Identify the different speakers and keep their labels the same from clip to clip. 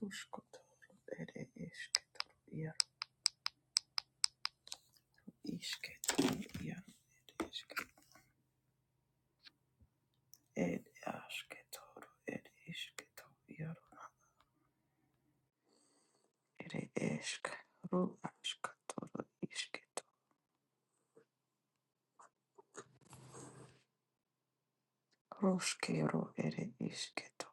Speaker 1: Ruskotoru ere esketoru iaru isketoru iaru ere esketoru ere asketoru ere esketoru iaru ere esk ru asketoru isketo ruskero ere isketo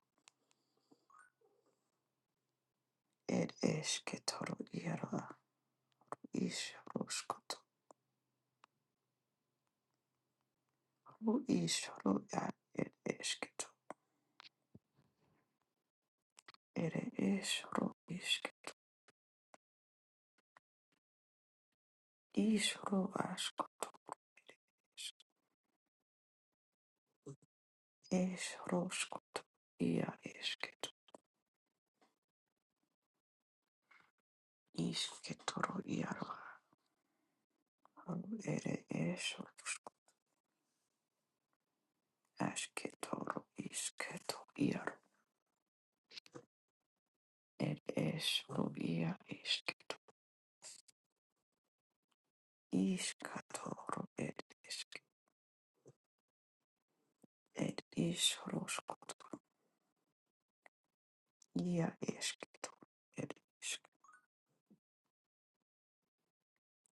Speaker 1: ere esketoru iaru a is ruskotoru is ru a ere esketo ere es ru isketo is ru askotoru ere esk es ruskotoru ia esketo Isketoro iaro aru ere eso asketo isketo iaro ed eso ia isketo iskatoro ed esk ed isroskoto ia esketo ed isk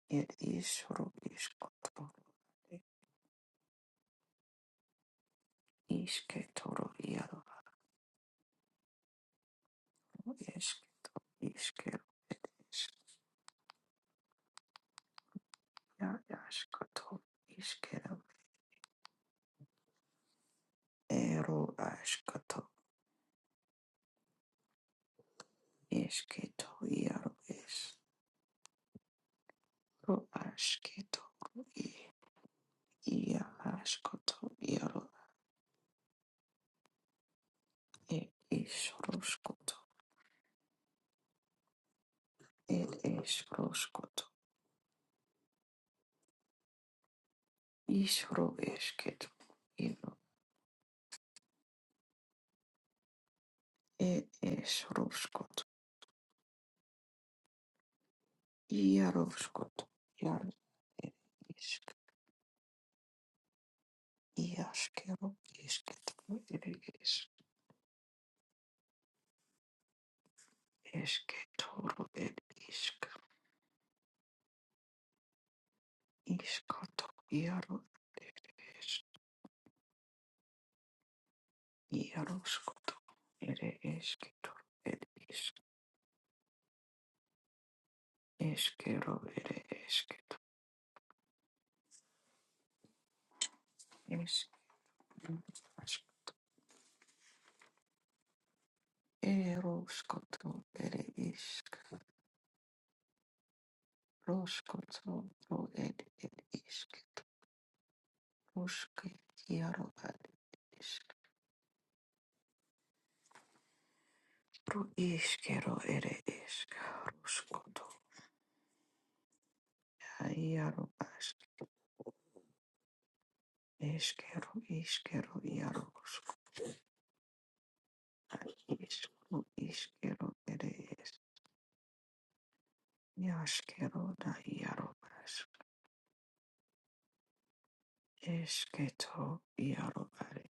Speaker 1: ed isro iskoto isketoro iaro aru esk iskero ed esk ia askato iskero ero askato Esketo iaro es ro asketo i ia askoto iaro e isroskoto et esroskoto isro esketo iaro et esroskoto iaroskoto iaro et isk iaskero isketo et es esketoro et isk iskoto iaro Yaroshkoto, ere esketo, ere isk, eskero, ere esketo, isk, ask, eroshkoto, ere isk, roshkoto, ro, ere, ere isketo, roshke, yaro, ere isk, ro, iskero, ere isk, roshkoto, yaro, ask, eskero, iskero, yaroshkoto, isk, ro, iskero, ere Yaskero da Yarobash Esketo Yarobare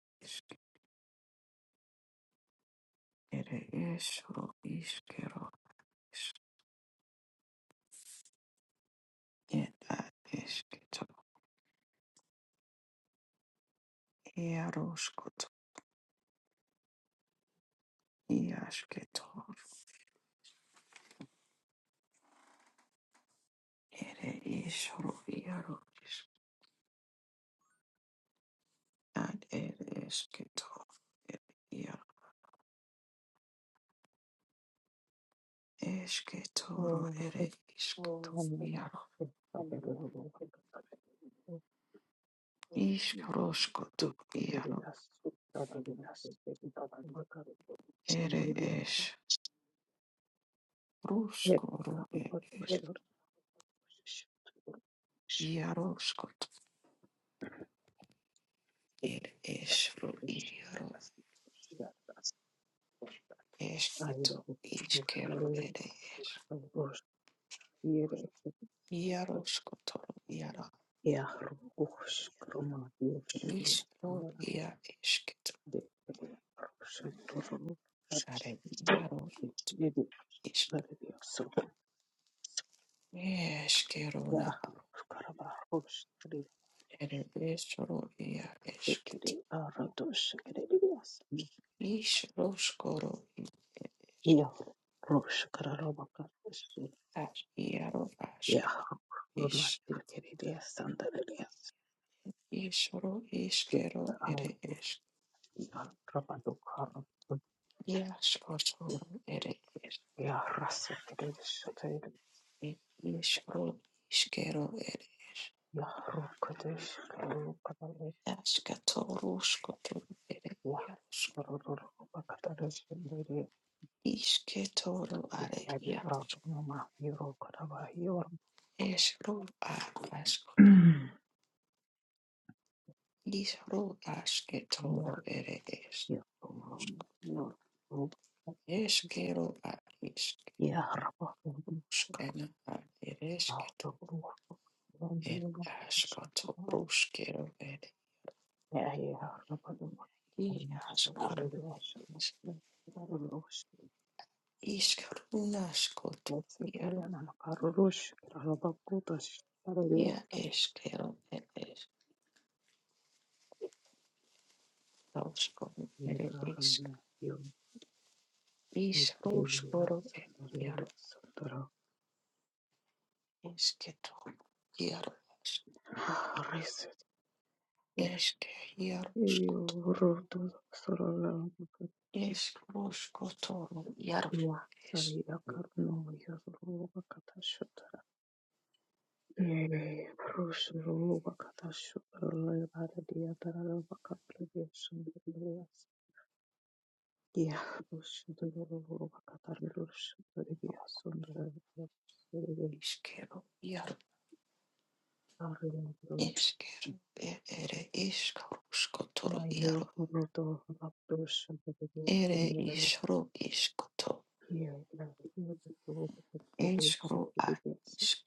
Speaker 1: Ere Esro Iskero Eda Esketo Yaroskoto Yasketo Ere Esro Yaro Ad Ere Esketo Yaro Esketoro
Speaker 2: Oh,
Speaker 1: Ere
Speaker 2: how
Speaker 1: Isketo
Speaker 2: many more
Speaker 1: Yaro
Speaker 2: of those? Do you
Speaker 1: Iskroskoto
Speaker 2: see the
Speaker 1: Yaro
Speaker 2: difference? That's not the difference. We're not the
Speaker 1: Ere Ruskoro ir ir iaroskot ir esru iaro esketo iskero ir ir
Speaker 2: same.
Speaker 1: iaroskotoro iara iskro ia esketo sare iaro
Speaker 2: We're
Speaker 1: isk
Speaker 2: not the same. Yeah,
Speaker 1: eskerona
Speaker 2: Karaba rosh kiri
Speaker 1: ir esru ia
Speaker 2: de kiri,
Speaker 1: esketo
Speaker 2: Aradosh kiri deas.
Speaker 1: isroskoro ir
Speaker 2: Yeah, rosh Karaba katarish.
Speaker 1: as iaro ask
Speaker 2: Yeah,
Speaker 1: is
Speaker 2: Rudmatir kiri deas, under deas.
Speaker 1: isro iskero
Speaker 2: Yeah, Amunduk,
Speaker 1: ir
Speaker 2: yeah, Rabadukhan,
Speaker 1: Iashkotoro ere ish
Speaker 2: yeah, Rasuk kiri deas,
Speaker 1: ishro ishkero ere ish
Speaker 2: yeah, Rukadesh kiri deas,
Speaker 1: ashkatoro shkotoro ere
Speaker 2: yeah,
Speaker 1: iashk
Speaker 2: Rururubakatarish, yeah,
Speaker 1: ishketoro are
Speaker 2: Abi
Speaker 1: iashk
Speaker 2: Arumah, Rukaba,
Speaker 1: ishro a ashkoto ishro
Speaker 2: yeah.
Speaker 1: ashketoro ere ish
Speaker 2: يا الله يا رب
Speaker 1: ishkero a ishk
Speaker 2: يا رب يا
Speaker 1: shkana a ere ishketo
Speaker 2: رب
Speaker 1: ere ashkotoro shkero ere
Speaker 2: يا يا رب
Speaker 1: iashkaro ishkaruna shkoto
Speaker 2: أنا أقرروش رغبة قوتش رغبة
Speaker 1: Ja eskero et es tauskoro ere isk
Speaker 2: يرغب يوم يترغب
Speaker 1: iskroskoro et jaro
Speaker 2: صدرغب صدرغب
Speaker 1: esketo jaro es-
Speaker 2: ريست
Speaker 1: eske jaro skoto
Speaker 2: يرغب صدرغب
Speaker 1: eskroskotoro jaro
Speaker 2: Wasari
Speaker 1: es
Speaker 2: yakarno yasro bakatashotara. Yere proshro bakatashotara yara diya tarara bakatriyasundriyas. Diya proshro bakatarlushotara diya sundraya.
Speaker 1: iskero jaro
Speaker 2: Ariyadro
Speaker 1: eskero e- ere
Speaker 2: na
Speaker 1: iskroskotoro
Speaker 2: yo
Speaker 1: jaro
Speaker 2: honoto bakatashotara diya
Speaker 1: ere
Speaker 2: sundraya.
Speaker 1: isro iskoto
Speaker 2: Yere proshro bakatashotara diya
Speaker 1: eskro a
Speaker 2: sundraya.
Speaker 1: isk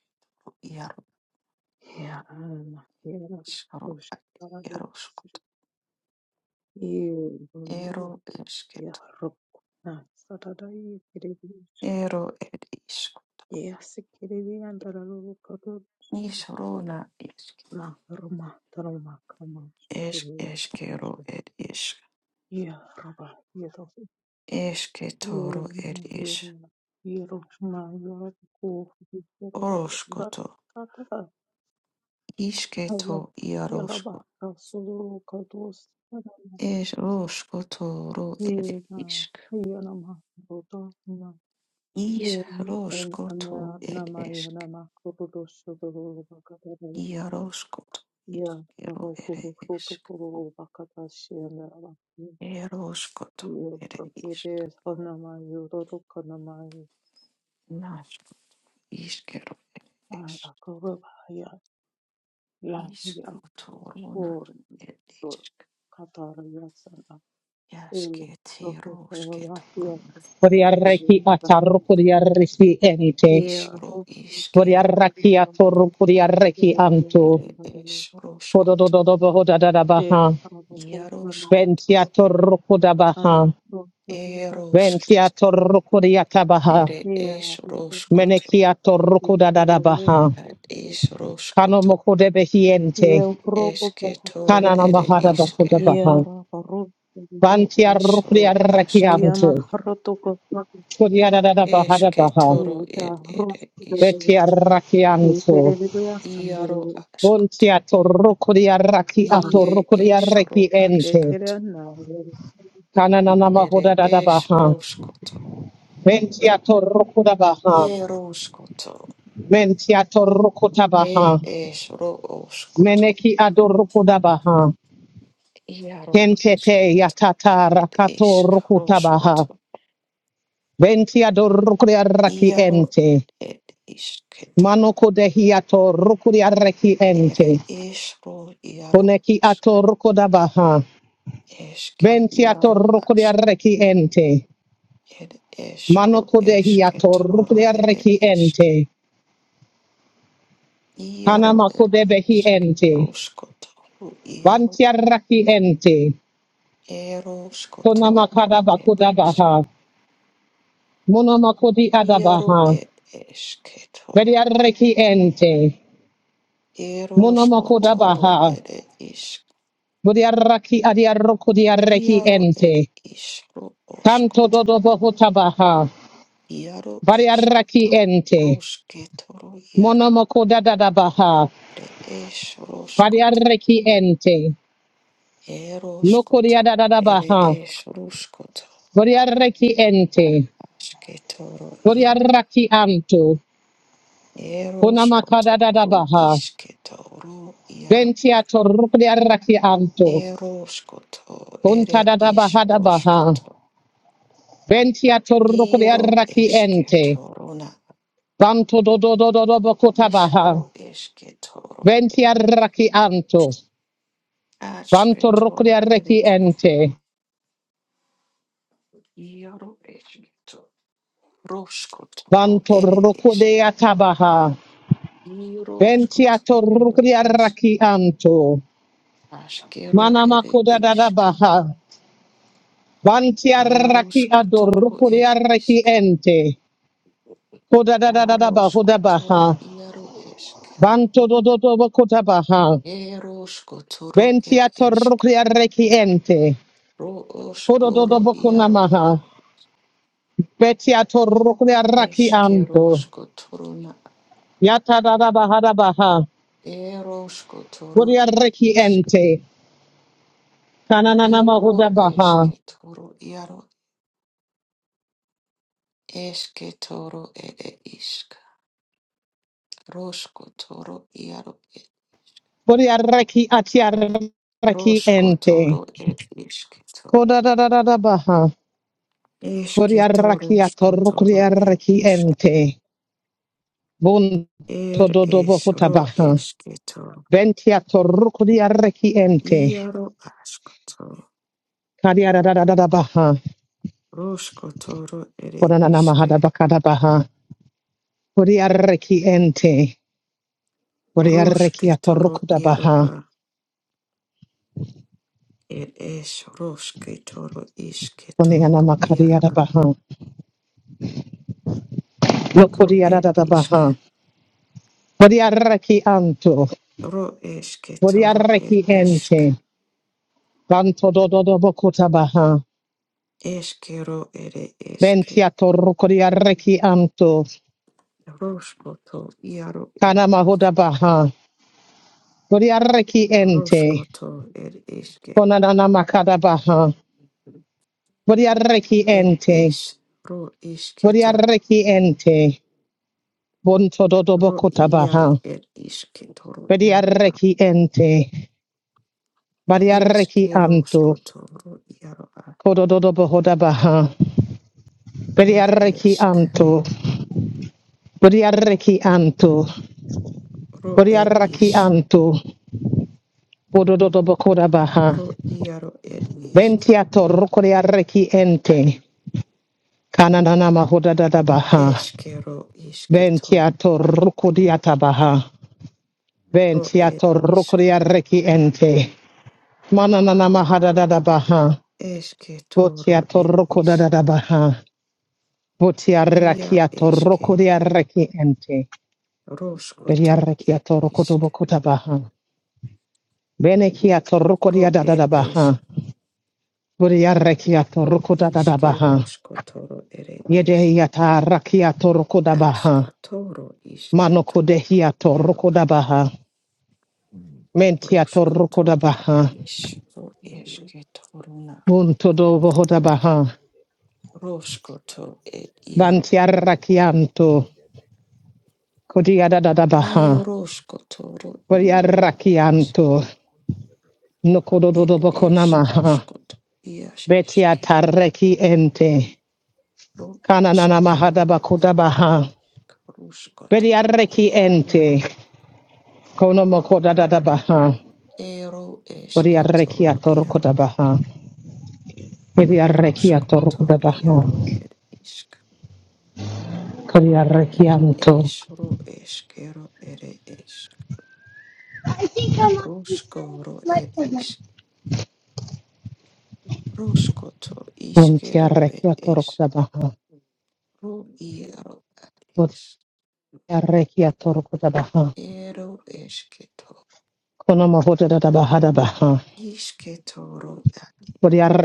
Speaker 1: jaro
Speaker 2: Yara na yara
Speaker 1: iskro a
Speaker 2: proshro
Speaker 1: jaro skoto
Speaker 2: Yeah,
Speaker 1: ero esketo Ero ed ishk. Nishorona ishk. Eshk eshkero ed ishk. Eshke toro ed ish. Oroshkoto. Ishketo iaroshko. Esh roshkoto ro ed ishk. Ish
Speaker 2: Yeah, and
Speaker 1: roshkoto
Speaker 2: Anna
Speaker 1: ed
Speaker 2: Namaya
Speaker 1: eshk.
Speaker 2: Nama Kurudo Suguru Bakata,
Speaker 1: Iaroshkoto
Speaker 2: yeah,
Speaker 1: ishkero
Speaker 2: Rabo
Speaker 1: ed
Speaker 2: Huru Futu
Speaker 1: ishk.
Speaker 2: Kuru Bakata Shiana,
Speaker 1: Eroshkoto
Speaker 2: yeah,
Speaker 1: ed ishk.
Speaker 2: Propete Honama Yuru Kanamai,
Speaker 1: Nash ishkero ish.
Speaker 2: Arakurabaya, Yan Yan
Speaker 1: Ishkoto rona
Speaker 2: Horn,
Speaker 1: ed ishk.
Speaker 2: Katara Yasana, Ulu,
Speaker 1: Yaske
Speaker 2: Rotu
Speaker 1: tero ske toro
Speaker 2: Karabaya,
Speaker 1: nas.
Speaker 3: Vodiarreki atarukuriarreki
Speaker 1: Et
Speaker 3: enite.
Speaker 2: yeah,
Speaker 1: ishro
Speaker 2: Rotu
Speaker 1: iskero.
Speaker 3: Vodiarraki
Speaker 2: Kuru
Speaker 3: atorukuriarreki anto.
Speaker 1: Ere
Speaker 2: Bakata,
Speaker 1: eshro skot.
Speaker 2: There
Speaker 3: Kododododobohodadadabaha.
Speaker 2: are also
Speaker 1: Yaro
Speaker 2: numerous
Speaker 1: skot.
Speaker 3: Ventiatorukudabaha.
Speaker 2: other roads that lead
Speaker 1: Ero skot.
Speaker 3: Ventiatorukuriatabaha.
Speaker 1: Ere
Speaker 2: here. There are roads
Speaker 1: eshro
Speaker 2: that
Speaker 1: skot.
Speaker 2: here are
Speaker 3: Menekiatorukudadadabaha.
Speaker 1: At ishro skot.
Speaker 3: Kanomokodebehiente.
Speaker 2: roads
Speaker 1: Eske toro
Speaker 2: that
Speaker 1: ere iske.
Speaker 3: Kananamahadabakodabaha.
Speaker 1: Ro isro
Speaker 3: Vantiarukuriarreki
Speaker 2: I
Speaker 1: asket.
Speaker 2: am
Speaker 3: anto.
Speaker 2: a road to go.
Speaker 1: Eske
Speaker 3: Kodiadadadabahadabaha.
Speaker 1: toro
Speaker 2: There
Speaker 1: e
Speaker 2: are roads
Speaker 1: ere
Speaker 2: that
Speaker 1: iske.
Speaker 3: Vetiarraki
Speaker 2: in
Speaker 3: anto.
Speaker 2: Kerala,
Speaker 1: Iaro
Speaker 2: Sangharila,
Speaker 1: askot.
Speaker 3: Buntia torukuria raki
Speaker 1: Ie
Speaker 3: atorukuria
Speaker 2: Kerala,
Speaker 3: reki
Speaker 1: eshro
Speaker 2: there
Speaker 3: ente.
Speaker 1: askat.
Speaker 2: are no.
Speaker 3: Kananana
Speaker 1: Ere
Speaker 3: mahuda dada baha.
Speaker 1: eshro skot.
Speaker 3: Mentia torukuda baha.
Speaker 1: Eroskoto,
Speaker 3: Mentia torukuta
Speaker 1: e
Speaker 3: baha.
Speaker 1: es roskoto,
Speaker 3: Meneki adorukuda baha.
Speaker 1: iaro
Speaker 3: Kentete yatata
Speaker 1: it is
Speaker 3: rakato
Speaker 1: isk
Speaker 3: rukuta baha.
Speaker 1: roskoto,
Speaker 3: Bentia dorukuria raki
Speaker 1: iaro
Speaker 3: ente.
Speaker 1: ed isketo,
Speaker 3: Manoko dehiato rukuria reki ente.
Speaker 1: ere es ro iaro
Speaker 3: Koneki
Speaker 1: ask,
Speaker 3: ato rukuda baha.
Speaker 1: eske
Speaker 3: Bentia
Speaker 1: iaro
Speaker 3: torukuria
Speaker 1: ask,
Speaker 3: reki ente.
Speaker 1: ed es
Speaker 3: Mano
Speaker 1: ro
Speaker 3: kudehi
Speaker 1: esketoro ere
Speaker 3: atorukriarreki
Speaker 1: isk,
Speaker 3: ente.
Speaker 1: iaro
Speaker 3: Kanama
Speaker 1: ed
Speaker 3: kudebehi
Speaker 1: isk,
Speaker 3: ente.
Speaker 1: roskoto, ru iaro,
Speaker 3: Vantiarraki ente. Konama
Speaker 1: eroskoto,
Speaker 3: kadaba
Speaker 1: ed isk,
Speaker 3: kudabaha. Monoma kodi
Speaker 1: iaro
Speaker 3: adabaha.
Speaker 1: ed keto.
Speaker 3: Veriarreki ente. Monoma
Speaker 1: Eroskotoro
Speaker 3: kudabaha.
Speaker 1: ere isk,
Speaker 3: Veriarraki adiarrokudiarreki
Speaker 1: iaro ere
Speaker 3: ente.
Speaker 1: isro
Speaker 3: Tanto
Speaker 1: oskot,
Speaker 3: dodobo hutabaha.
Speaker 1: iaro
Speaker 3: Variarraki
Speaker 1: esketo,
Speaker 3: ente.
Speaker 1: rosketoro iaro
Speaker 3: Monoma kudadadabaha.
Speaker 1: ere es roskoto,
Speaker 3: Variarreki ente.
Speaker 1: eroskoto ere
Speaker 3: Nokodiadadabaha.
Speaker 1: es roskoto,
Speaker 3: Koriareki
Speaker 1: a-
Speaker 3: ente.
Speaker 1: asketoro iaro,
Speaker 3: Koriaraki anto. Kunamakada
Speaker 1: eroskoto
Speaker 3: da da
Speaker 1: ru
Speaker 3: baha.
Speaker 1: isketo ru iaro,
Speaker 3: Ventia torukriaraki anto.
Speaker 1: eroskoto ere
Speaker 3: Kuntada da
Speaker 1: is
Speaker 3: baha da baha.
Speaker 1: roskoto,
Speaker 3: Ventiator
Speaker 1: iro
Speaker 3: torukriaraki ente.
Speaker 1: esketoruna
Speaker 3: Banto do do do do do bokuta baha.
Speaker 1: Ishro esketoro,
Speaker 3: Ventia raki anto. Banto
Speaker 1: ashketoro ere
Speaker 3: rukriaraki ente.
Speaker 1: iaro esketo, roskotoro
Speaker 3: Banto
Speaker 1: ere esk,
Speaker 3: rukudea tabaha. Ventia
Speaker 1: iroskotoro ere esk,
Speaker 3: torukriaraki anto.
Speaker 1: ashkero ere
Speaker 3: Manamakuda da da
Speaker 1: isk,
Speaker 3: baha. Vanti arraki
Speaker 1: iaroskotoro
Speaker 3: adorukuri
Speaker 1: ere
Speaker 3: arraki
Speaker 1: isk,
Speaker 3: ente. Koda da da da da ba hoda
Speaker 1: iaroskotoro
Speaker 3: baha.
Speaker 1: iaro esk,
Speaker 3: Banto do do do bo kota baha.
Speaker 1: eroskotoro
Speaker 3: Venti
Speaker 1: ere esk,
Speaker 3: atorukuri arraki ente.
Speaker 1: ro
Speaker 3: Kodo do
Speaker 1: oskoro
Speaker 3: do bo kuna
Speaker 1: iaro
Speaker 3: maha. Beti atorukuri arraki
Speaker 1: eskero
Speaker 3: anto.
Speaker 1: skotoro na
Speaker 3: Yata da da baha da baha. Kuri
Speaker 1: eroskotoro ere
Speaker 3: arraki
Speaker 1: isk.
Speaker 3: ente. Kananana ma
Speaker 1: Iro
Speaker 3: hoda baha.
Speaker 1: eske toro iaro eske toro ere iska Rosko toro iaro e.
Speaker 3: Kuri arraki ati arraki
Speaker 1: Rosko
Speaker 3: ente.
Speaker 1: toro er iske to.
Speaker 3: Koda da da da da baha. Kuri
Speaker 1: Eske
Speaker 3: arraki
Speaker 1: toro sko
Speaker 3: atorukuri
Speaker 1: toro er
Speaker 3: arraki
Speaker 1: iska
Speaker 3: ente. Bun
Speaker 1: Er
Speaker 3: tododobo
Speaker 1: es ro
Speaker 3: hutabaha.
Speaker 1: eske to.
Speaker 3: Ventia torukudia rekiente.
Speaker 1: Iaro asko to.
Speaker 3: Kadia da da da da da baha.
Speaker 1: Rosko toro ere
Speaker 3: Kodanana mahada
Speaker 1: iske.
Speaker 3: bakada baha. Kodia rekiente. Kodia
Speaker 1: Roske
Speaker 3: rekia
Speaker 1: toro
Speaker 3: torukuda
Speaker 1: iaro
Speaker 3: baha.
Speaker 1: a. Er es roske toro iske
Speaker 3: Koniana
Speaker 1: toro
Speaker 3: makadia
Speaker 1: iaro
Speaker 3: da baha. No
Speaker 1: ro
Speaker 3: kodia da
Speaker 1: er
Speaker 3: da da
Speaker 1: isk.
Speaker 3: baha. Kodia reki anto.
Speaker 1: Ro eske
Speaker 3: Kodia
Speaker 1: toro er isk.
Speaker 3: rekiente. Banto dododobo kutabaha.
Speaker 1: Eske ro ere eske.
Speaker 3: Ventia torukudia reki anto.
Speaker 1: Roskoto iaro er
Speaker 3: Kana mahuda
Speaker 1: isk.
Speaker 3: baha. Kodia rekiente.
Speaker 1: Roskoto er iske.
Speaker 3: Konanana makadabaha. Bodiareki
Speaker 1: Er
Speaker 3: ente.
Speaker 1: es. Ro isketo.
Speaker 3: Bodiareki ente. Bontododobo
Speaker 1: Ro
Speaker 3: kotabaha.
Speaker 1: iaro er iske toro iaro a.
Speaker 3: Bodiareki ente. Bodiareki
Speaker 1: Iske
Speaker 3: anto.
Speaker 1: roskoto ro iaro a.
Speaker 3: Kodododobo baha.
Speaker 1: Er
Speaker 3: Bodiareki
Speaker 1: esk.
Speaker 3: anto. Bodiareki anto.
Speaker 1: Ro er
Speaker 3: Bodiareki
Speaker 1: is
Speaker 3: anto. Bodododobo kodabaha.
Speaker 1: Ro iaro er iske.
Speaker 3: Ventiato rokodiareki ente. Kananana mahodadabaha.
Speaker 1: eskero isketo.
Speaker 3: Ventiato rukodiata baha.
Speaker 1: Ro er
Speaker 3: Ventiato
Speaker 1: isk.
Speaker 3: rokodia reki ente. Mananana mahadada baha.
Speaker 1: Eske toro
Speaker 3: Votiato
Speaker 1: el ish.
Speaker 3: rokodada baha. Votia
Speaker 1: Ia
Speaker 3: rakiato
Speaker 1: eske.
Speaker 3: rokodia reki ente. Veria
Speaker 1: Roskoto el
Speaker 3: rekiato
Speaker 1: ishk.
Speaker 3: rokotobokota baha. Venekiato rokodia
Speaker 1: Ro
Speaker 3: dada
Speaker 1: el esh.
Speaker 3: baha. Voria rekiato
Speaker 1: Ro
Speaker 3: rokodada
Speaker 1: ishke
Speaker 3: baha.
Speaker 1: roskotoro ere esh.
Speaker 3: Yedehiata rakiato rokoda baha.
Speaker 1: Ashkatoro ishketo.
Speaker 3: Manokodehiato
Speaker 1: Yaroa.
Speaker 3: rokoda baha. Mentiato
Speaker 1: Roskoto
Speaker 3: rokoda
Speaker 1: el
Speaker 3: baha.
Speaker 1: ish. Ro eske toruna.
Speaker 3: Buntodo vohoda baha.
Speaker 1: Roskoto el yaro.
Speaker 3: Vantiarrachianto,
Speaker 1: I
Speaker 3: Kodiadadabaha,
Speaker 1: roskotoro yaro el ish.
Speaker 3: Vadiarrachianto,
Speaker 1: Ro el esh
Speaker 3: Nokododobokonamaha,
Speaker 1: roskoto. ias
Speaker 3: Betia
Speaker 1: eske.
Speaker 3: Tarreki ente,
Speaker 1: Ro
Speaker 3: Kananana
Speaker 1: ashkero
Speaker 3: Mahadabakodabaha,
Speaker 1: rushkot ro.
Speaker 3: Vadiarreki
Speaker 1: iaro
Speaker 3: ente, Konomokodadabaha,
Speaker 4: Monday,
Speaker 1: ero esketoro iaro
Speaker 3: Vadiarrechiatorkodabaha,
Speaker 1: roshkoto
Speaker 3: Vadiarrechiatorkodabaha,
Speaker 1: iaro er isk er
Speaker 3: Kodiarrechianto,
Speaker 1: esro eskero ere esk roshkoro er isk roshkoto iskero er es
Speaker 3: Vantiarrechiatorkodabaha,
Speaker 1: ro iaro er isk
Speaker 3: Vadiarrechiatorkodabaha,
Speaker 1: ero esketo
Speaker 3: Konomohodadabahadabaha,
Speaker 1: isketoro er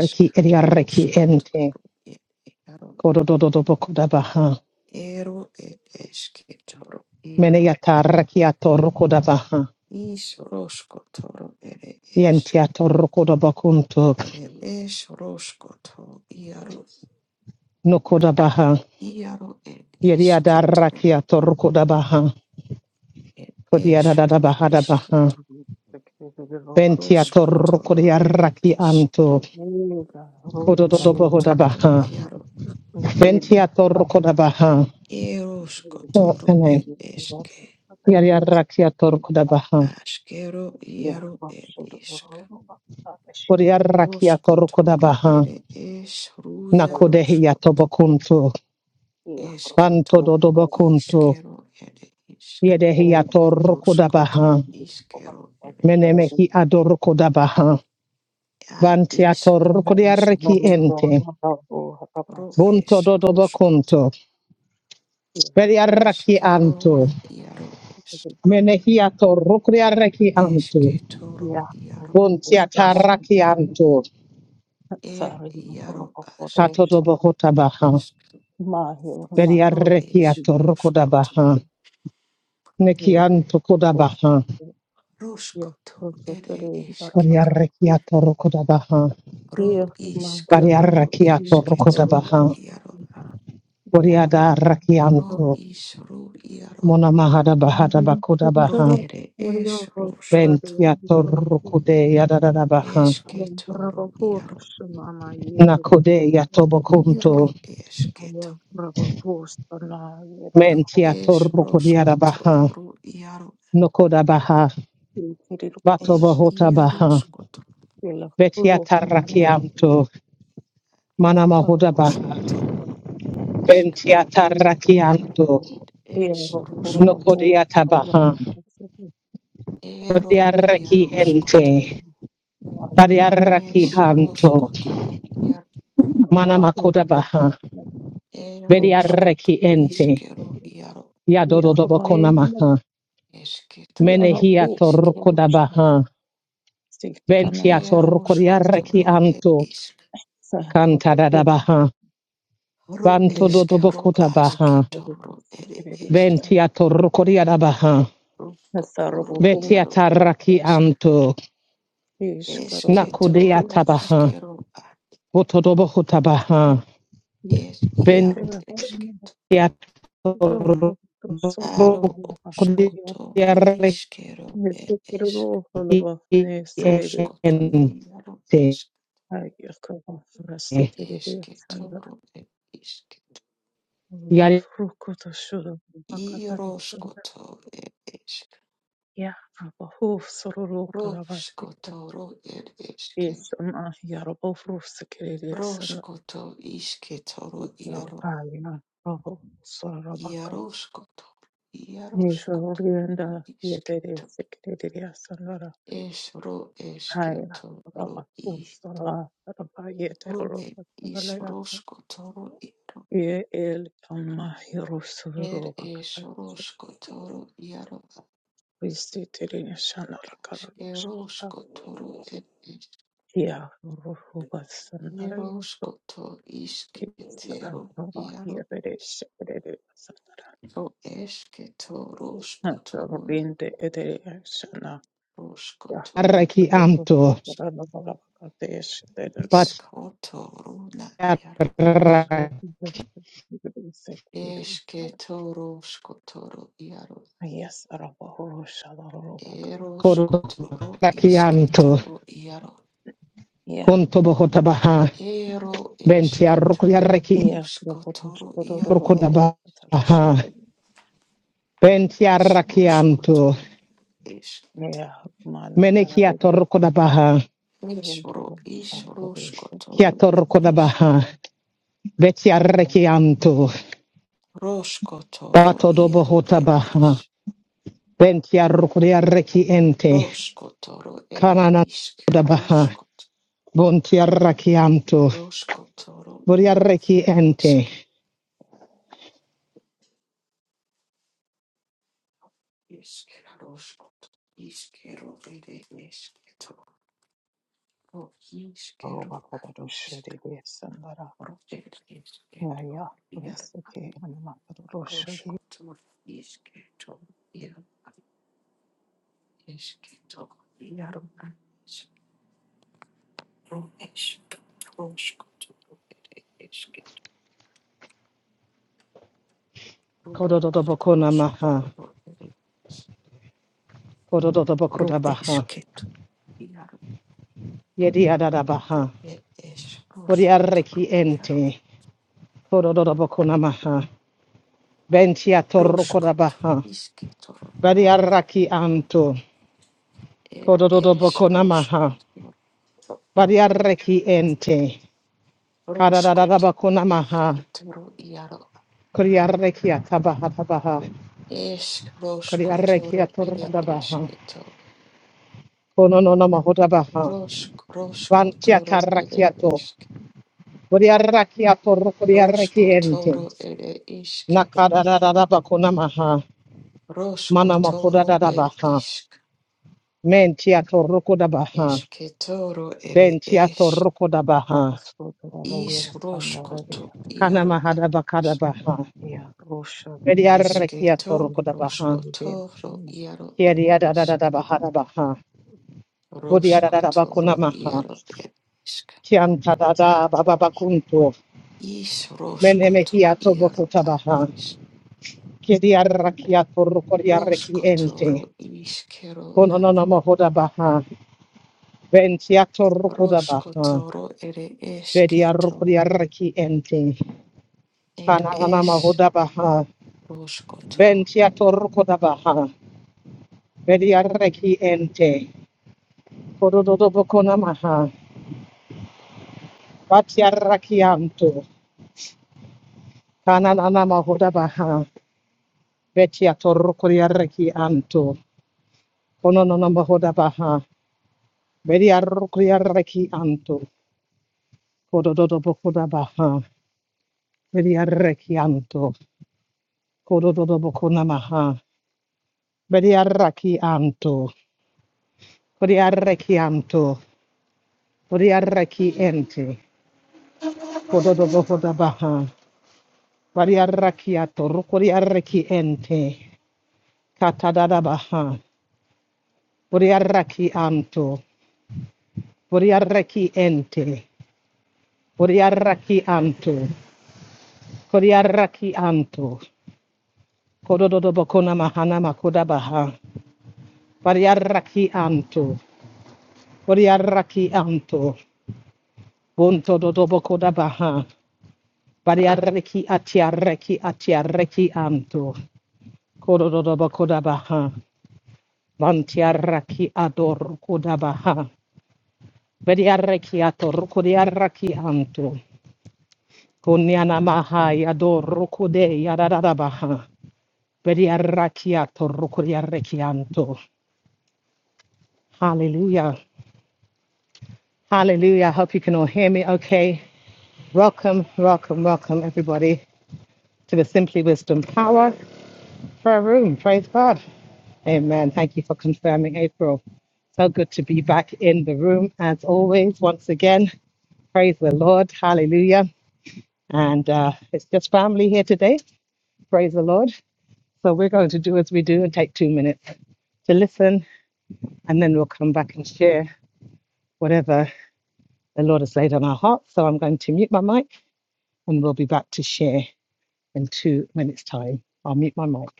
Speaker 1: isk
Speaker 3: ediarreki
Speaker 1: roshkoto
Speaker 3: ente.
Speaker 1: ro er iaro
Speaker 3: Kodododo bokodabaha.
Speaker 1: Ero ed eske toro iaro
Speaker 3: Meneyatarreki atorrokodabaha.
Speaker 1: is rosko toro ere es.
Speaker 3: Yenti atorrokodabakunto.
Speaker 1: Ere es rosko to iaro
Speaker 3: Nokodabaha.
Speaker 1: iaro ed iske
Speaker 3: Yediadarraki
Speaker 1: toro ad
Speaker 3: atorrokodabaha.
Speaker 1: ed
Speaker 2: There
Speaker 1: es ro iske
Speaker 3: Kodiadadabahadabaha.
Speaker 1: to
Speaker 3: Benti
Speaker 1: rosko toro ere
Speaker 3: atorrokodiarraki
Speaker 1: es.
Speaker 3: anto.
Speaker 2: are roads
Speaker 3: Kodododo
Speaker 1: Rosko toro
Speaker 3: bohodabaha.
Speaker 1: iaro
Speaker 2: Nicene
Speaker 3: Benti
Speaker 2: public
Speaker 3: atorrokodabaha.
Speaker 1: erosko
Speaker 3: Oh,
Speaker 1: toro
Speaker 3: ene.
Speaker 1: ed eske.
Speaker 3: Yediarraki atorrokodabaha.
Speaker 1: Askero iaro ed isk.
Speaker 3: Bodiarraki
Speaker 1: Rosko toro
Speaker 3: atorrokodabaha.
Speaker 1: ere es ruia
Speaker 3: Nakodehi
Speaker 1: rosko
Speaker 3: atobokunto. Banto
Speaker 1: Esketoro
Speaker 3: dodo bakunto.
Speaker 1: iskero ere isk
Speaker 3: Yedehi atoroko
Speaker 1: ruskot
Speaker 3: dabaha.
Speaker 1: iskero ere isk
Speaker 3: Menemehi adoroko dabaha.
Speaker 1: a
Speaker 3: Banti
Speaker 1: isro
Speaker 3: atoroko
Speaker 1: esketo
Speaker 3: ente.
Speaker 1: ro
Speaker 3: Bunto
Speaker 1: es
Speaker 3: dodo
Speaker 1: ruskot
Speaker 3: bakunto. Bediarreki
Speaker 1: eskero
Speaker 3: anto.
Speaker 1: na iaro es
Speaker 3: Menehi atoroko anto.
Speaker 1: esketoro
Speaker 2: Yeah,
Speaker 1: iaro
Speaker 3: Bunti
Speaker 1: isk
Speaker 3: atarraki anto.
Speaker 1: er
Speaker 2: sorry, no
Speaker 1: iaro
Speaker 3: katodo
Speaker 1: asketo
Speaker 3: dobo
Speaker 2: problem.
Speaker 3: hotabaha.
Speaker 1: isk
Speaker 2: My hero, my
Speaker 1: ro
Speaker 2: hero,
Speaker 3: Bediarreki
Speaker 1: es
Speaker 2: hero,
Speaker 3: atoroko
Speaker 1: ruskot
Speaker 3: Neki
Speaker 2: hero,
Speaker 3: anto kodabaha.
Speaker 2: hero, hero,
Speaker 1: ruskot
Speaker 2: also
Speaker 1: ere
Speaker 2: today,
Speaker 1: esketo
Speaker 3: Bediarreki
Speaker 2: Darabakashi,
Speaker 3: atoroko dabaha.
Speaker 1: ro
Speaker 2: hero, my
Speaker 1: isk
Speaker 2: hero,
Speaker 1: ro
Speaker 3: Bediarreki
Speaker 2: my
Speaker 3: atoroko
Speaker 1: esketo
Speaker 2: hero,
Speaker 1: ro
Speaker 3: dabaha.
Speaker 1: iaro
Speaker 2: yeah,
Speaker 3: Koriada
Speaker 1: Ro
Speaker 3: rakianto,
Speaker 1: ish ro iaro
Speaker 3: mona mahada bahada bakoda
Speaker 1: ro
Speaker 3: baha,
Speaker 1: ere
Speaker 2: warrior,
Speaker 1: esh roshkoto
Speaker 2: Sarare,
Speaker 3: ventiator
Speaker 2: Darabakashi,
Speaker 3: rukude yadada baha,
Speaker 1: eshketo ro
Speaker 2: Rabakur,
Speaker 1: iaro
Speaker 2: Shumama, Yeti,
Speaker 3: nakode
Speaker 1: iro
Speaker 3: yatobokunto,
Speaker 2: I
Speaker 1: eshketo
Speaker 2: am Rabakur, Sana,
Speaker 1: e
Speaker 2: Yedakoro,
Speaker 1: esh
Speaker 3: mentiator rukudiada
Speaker 1: roshkoto
Speaker 3: baha,
Speaker 1: ro iaro
Speaker 3: nokoda baha,
Speaker 2: Yeti,
Speaker 1: e
Speaker 2: Kosha,
Speaker 3: batobohota
Speaker 1: iaro
Speaker 3: baha,
Speaker 1: shkoto
Speaker 2: Yellow,
Speaker 3: vetiata
Speaker 2: Mother.
Speaker 3: rakianto,
Speaker 2: Yes,
Speaker 3: mana mahuda baha,
Speaker 1: roshkoto ro ishk
Speaker 3: ventiata
Speaker 1: e
Speaker 3: rakianto,
Speaker 1: esh roshkoto
Speaker 3: nokodiata baha,
Speaker 1: ero iaro
Speaker 3: kodiaraki
Speaker 1: shkoto
Speaker 3: ente,
Speaker 1: e
Speaker 3: kodiaraki
Speaker 1: esh
Speaker 3: anto,
Speaker 1: roshkoto ro iaro
Speaker 3: mana makuda baha,
Speaker 1: e roshkoto
Speaker 3: Vediareki ente.
Speaker 1: ishkero iaro
Speaker 3: Yadododobokonamaha.
Speaker 1: eshketo ro
Speaker 3: Menehiato
Speaker 1: ishkero
Speaker 3: rukodabaha. Ventiato
Speaker 1: Erosko
Speaker 3: rukodiareki
Speaker 1: toro ed
Speaker 3: anto.
Speaker 1: isk.
Speaker 3: kanta Cantadadabaha.
Speaker 1: Ro
Speaker 3: Vanto
Speaker 1: esk ro asketoro
Speaker 3: dodobokotabaha.
Speaker 1: toro ed esk.
Speaker 3: Ventiato rukodiadabaha.
Speaker 1: Rosko iaro
Speaker 3: Vetiataraki
Speaker 1: isk.
Speaker 3: anto.
Speaker 1: Eske toro
Speaker 3: Nakudeatabaha.
Speaker 1: iske ro ad.
Speaker 3: Votodobokotabaha.
Speaker 1: Ed iaro
Speaker 2: Yesiteri
Speaker 1: esket.
Speaker 3: Ventiato
Speaker 2: ruho
Speaker 1: Aro
Speaker 2: rusobanura
Speaker 1: oskoto
Speaker 2: hariya
Speaker 1: to
Speaker 3: rukodiareki
Speaker 1: iske ro ed
Speaker 2: yesiteri
Speaker 1: esk.
Speaker 2: ruho rwaneserere
Speaker 1: Rosko
Speaker 2: asanga
Speaker 3: ente.
Speaker 1: iaro esk.
Speaker 2: hariya akaba rasiterere
Speaker 1: Eske
Speaker 2: asanga
Speaker 1: toro ed isket.
Speaker 3: Yari
Speaker 2: ruko toshura bakatare
Speaker 1: Irosko to ed esk.
Speaker 2: ya abahu sororo
Speaker 1: Rosko
Speaker 2: karabasite
Speaker 1: toro ed eske.
Speaker 2: yesama yarobo rusikerere asanga
Speaker 1: Roshkoto ishketoro iaro
Speaker 2: yarabayina roho sororo bakat
Speaker 1: iaroshkoto
Speaker 2: Yes,
Speaker 1: iaroshkoto na
Speaker 2: orienda yetere
Speaker 1: ishketo
Speaker 2: sekerere asanga
Speaker 1: es ro
Speaker 2: Haila
Speaker 1: esketo ro i
Speaker 2: Rabakusala
Speaker 1: ro e is
Speaker 2: Rabayeterobakatalaya
Speaker 1: roshkotoro iaro
Speaker 2: Ye El
Speaker 1: er es
Speaker 2: Kamahirusurubakatara
Speaker 1: roshkotoro iaro
Speaker 2: Visitiri
Speaker 1: aske
Speaker 2: Shanarakarosh
Speaker 1: roshkotoro er es
Speaker 2: Akia Ruhubasanaraya
Speaker 1: eroshkoto ishketero
Speaker 2: Istarova
Speaker 1: iaro
Speaker 2: Yedere
Speaker 1: es
Speaker 2: Shedere Sandara
Speaker 1: ro esketo roshkotoro na
Speaker 2: Nazarubinde Edere Shana Ya
Speaker 1: roshkotoro iaro
Speaker 3: Arrachianto,
Speaker 2: Ruhubasanarabakateshere
Speaker 3: Pachiarra,
Speaker 1: Iskotoro na iaro.
Speaker 2: Ruhubasanarabakateshere
Speaker 1: Esketoro skotoro iaro.
Speaker 2: Yes, Roborosha, Robacata.
Speaker 1: Ero skotoro
Speaker 3: Corrachianto,
Speaker 1: isketoro iaro.
Speaker 2: Yeah.
Speaker 3: Conto Bohotabaha,
Speaker 1: Ero
Speaker 3: Venti Arrucliarrechi,
Speaker 1: esketoro
Speaker 2: Yeah, Roboros,
Speaker 1: skotoro iaro.
Speaker 2: Rodorova, Talisha.
Speaker 3: Rucodabaha, Venti
Speaker 1: Ero
Speaker 3: Arrachianto,
Speaker 1: skotoro esketoro.
Speaker 2: Yeah, man, that I
Speaker 3: Menechiato
Speaker 2: didn't
Speaker 3: Rucodabaha,
Speaker 2: hear
Speaker 1: Esro isro
Speaker 2: somebody. is the
Speaker 1: skotoro
Speaker 3: Chiato
Speaker 1: e is.
Speaker 3: Rucodabaha, Veti
Speaker 2: I know
Speaker 3: Arrechianto,
Speaker 1: Roskotoro
Speaker 3: Bato
Speaker 1: iaro e
Speaker 3: Dobohotabaha,
Speaker 1: is.
Speaker 3: Venti Arrucliarrechiente,
Speaker 1: Roskotoro ere
Speaker 3: Canana
Speaker 1: isk.
Speaker 3: Dabaha,
Speaker 1: Roskot.
Speaker 3: Bonti Arrachianto,
Speaker 1: Roskotoro iaro.
Speaker 3: Voriarrechiente,
Speaker 1: Iskero skot, iskero ere esketoro iskero ad
Speaker 2: Robacadosha,
Speaker 1: iskero
Speaker 2: yes, and that.
Speaker 1: ere
Speaker 2: Yeah,
Speaker 1: esketoro iar
Speaker 2: yes, okay, and Macadosha,
Speaker 1: roskotoro isketoro iar ad esketoro iar ad iskero esketoro roskotoro ere esketoro
Speaker 3: Kododobokona maha.
Speaker 1: roskotoro ere ro
Speaker 3: Kododobokoda baha.
Speaker 1: esketo iar
Speaker 3: Yedi adada
Speaker 1: ro
Speaker 3: baha.
Speaker 1: ere es
Speaker 3: Kodiareki
Speaker 1: iar.
Speaker 3: ente. Kododobokona maha. Bentia torrokoda
Speaker 1: Roškot,
Speaker 3: baha.
Speaker 1: išketor, jaro,
Speaker 3: Badiaraki anto.
Speaker 1: ed, eres,
Speaker 3: Kododobokona maha.
Speaker 1: roškot,
Speaker 3: Badiareki ente.
Speaker 1: roškot,
Speaker 3: Kadadadabakona maha.
Speaker 1: išketor, jaro,
Speaker 3: Kodiareki atabaha tabaha.
Speaker 1: ešk, roškotor,
Speaker 3: Kodiareki
Speaker 1: ed,
Speaker 3: atorrokoda baha.
Speaker 1: ešketor,
Speaker 3: Konono mahoda baha.
Speaker 1: rošk,
Speaker 3: Bantia
Speaker 1: roškotor, ed,
Speaker 3: tarrakiato.
Speaker 1: ešk,
Speaker 3: Kodiaraki atorrokodiareki ente.
Speaker 1: roškotor, ed, išket,
Speaker 3: Nakadadadabakunamaha.
Speaker 1: roškotor, ed,
Speaker 3: Manamakodadadabaha.
Speaker 1: išk,
Speaker 3: Mentiato rokodabaha.
Speaker 1: ešketor, ed, eš,
Speaker 3: Bentiato rokodabaha.
Speaker 2: Robosu, the
Speaker 1: iš,
Speaker 2: Rover, and the Rabia.
Speaker 1: roškotor, jaro,
Speaker 3: Kanamahadabakadabaha.
Speaker 2: Yeah, Rosha,
Speaker 3: Mediarekiato
Speaker 1: Esketo,
Speaker 2: the
Speaker 3: rokodabaha.
Speaker 1: roskoto, ro iaro er isk.
Speaker 3: Kiadiadadadabahadabaha.
Speaker 1: Roskoto, ro
Speaker 3: Budiadadabakunamaha.
Speaker 1: iaro er isk.
Speaker 3: Kiantadada bababakunto.
Speaker 1: Is roskoto,
Speaker 3: Menemehiato
Speaker 1: iaro ad
Speaker 3: bokotabaha.
Speaker 1: isk.
Speaker 3: Kiadiarakiato
Speaker 1: Roskoto, ro
Speaker 3: rokodiarekiente.
Speaker 1: iskero na.
Speaker 3: Konononomohodabaha. Bentiato rokodabaha.
Speaker 1: Roskoto, ro ere
Speaker 3: Bedi arukuri
Speaker 1: esketo.
Speaker 3: araki ente.
Speaker 1: Er
Speaker 3: Kananana
Speaker 1: es
Speaker 3: mahuda baha.
Speaker 1: roskoto.
Speaker 3: Benti atorukuda baha. Bedi araki ente. Kododo bokona maha. Bati araki anto. Kananana mahuda baha. Beti atorukuri araki anto. Kononono mahuda baha. Bedi arukuri araki anto. Kododo bokona baha. Bedi araki anto. Kododo bokona maha. Bedi araki anto. Kodi arrekianto. Koriaraki ente. Kododo hoda baha. Variaraki atoro koriaraki ente. Katadada baha. Koriaraki anto. Koriaraki ente. Koriaraki anto. Koriaraki anto. Kododo bokona mahana makoda baha. Variaraki anto. Koriaraki anto. Bunto dodo bokoda baha. Variaraki atiaraki atiaraki anto. Kododo bokoda baha. Vantiarraki ador kudabaha. Vediarraki ator kudiarraki antu. Kunyana maha yador rukude yadadabaha. Vediarraki ator kudiarraki antu. Hallelujah. Hallelujah. I hope you can all hear me okay. Welcome, welcome, welcome everybody to the Simply Wisdom Power Prayer Room. Praise God. Amen. Thank you for confirming, April. So good to be back in the room as always, once again. Praise the Lord. Hallelujah. And uh, it's just family here today. Praise the Lord. So we're going to do as we do and take two minutes to listen, and then we'll come back and share whatever the Lord has laid on our hearts. So I'm going to mute my mic and we'll be back to share in two minutes' time. I'll mute my mic.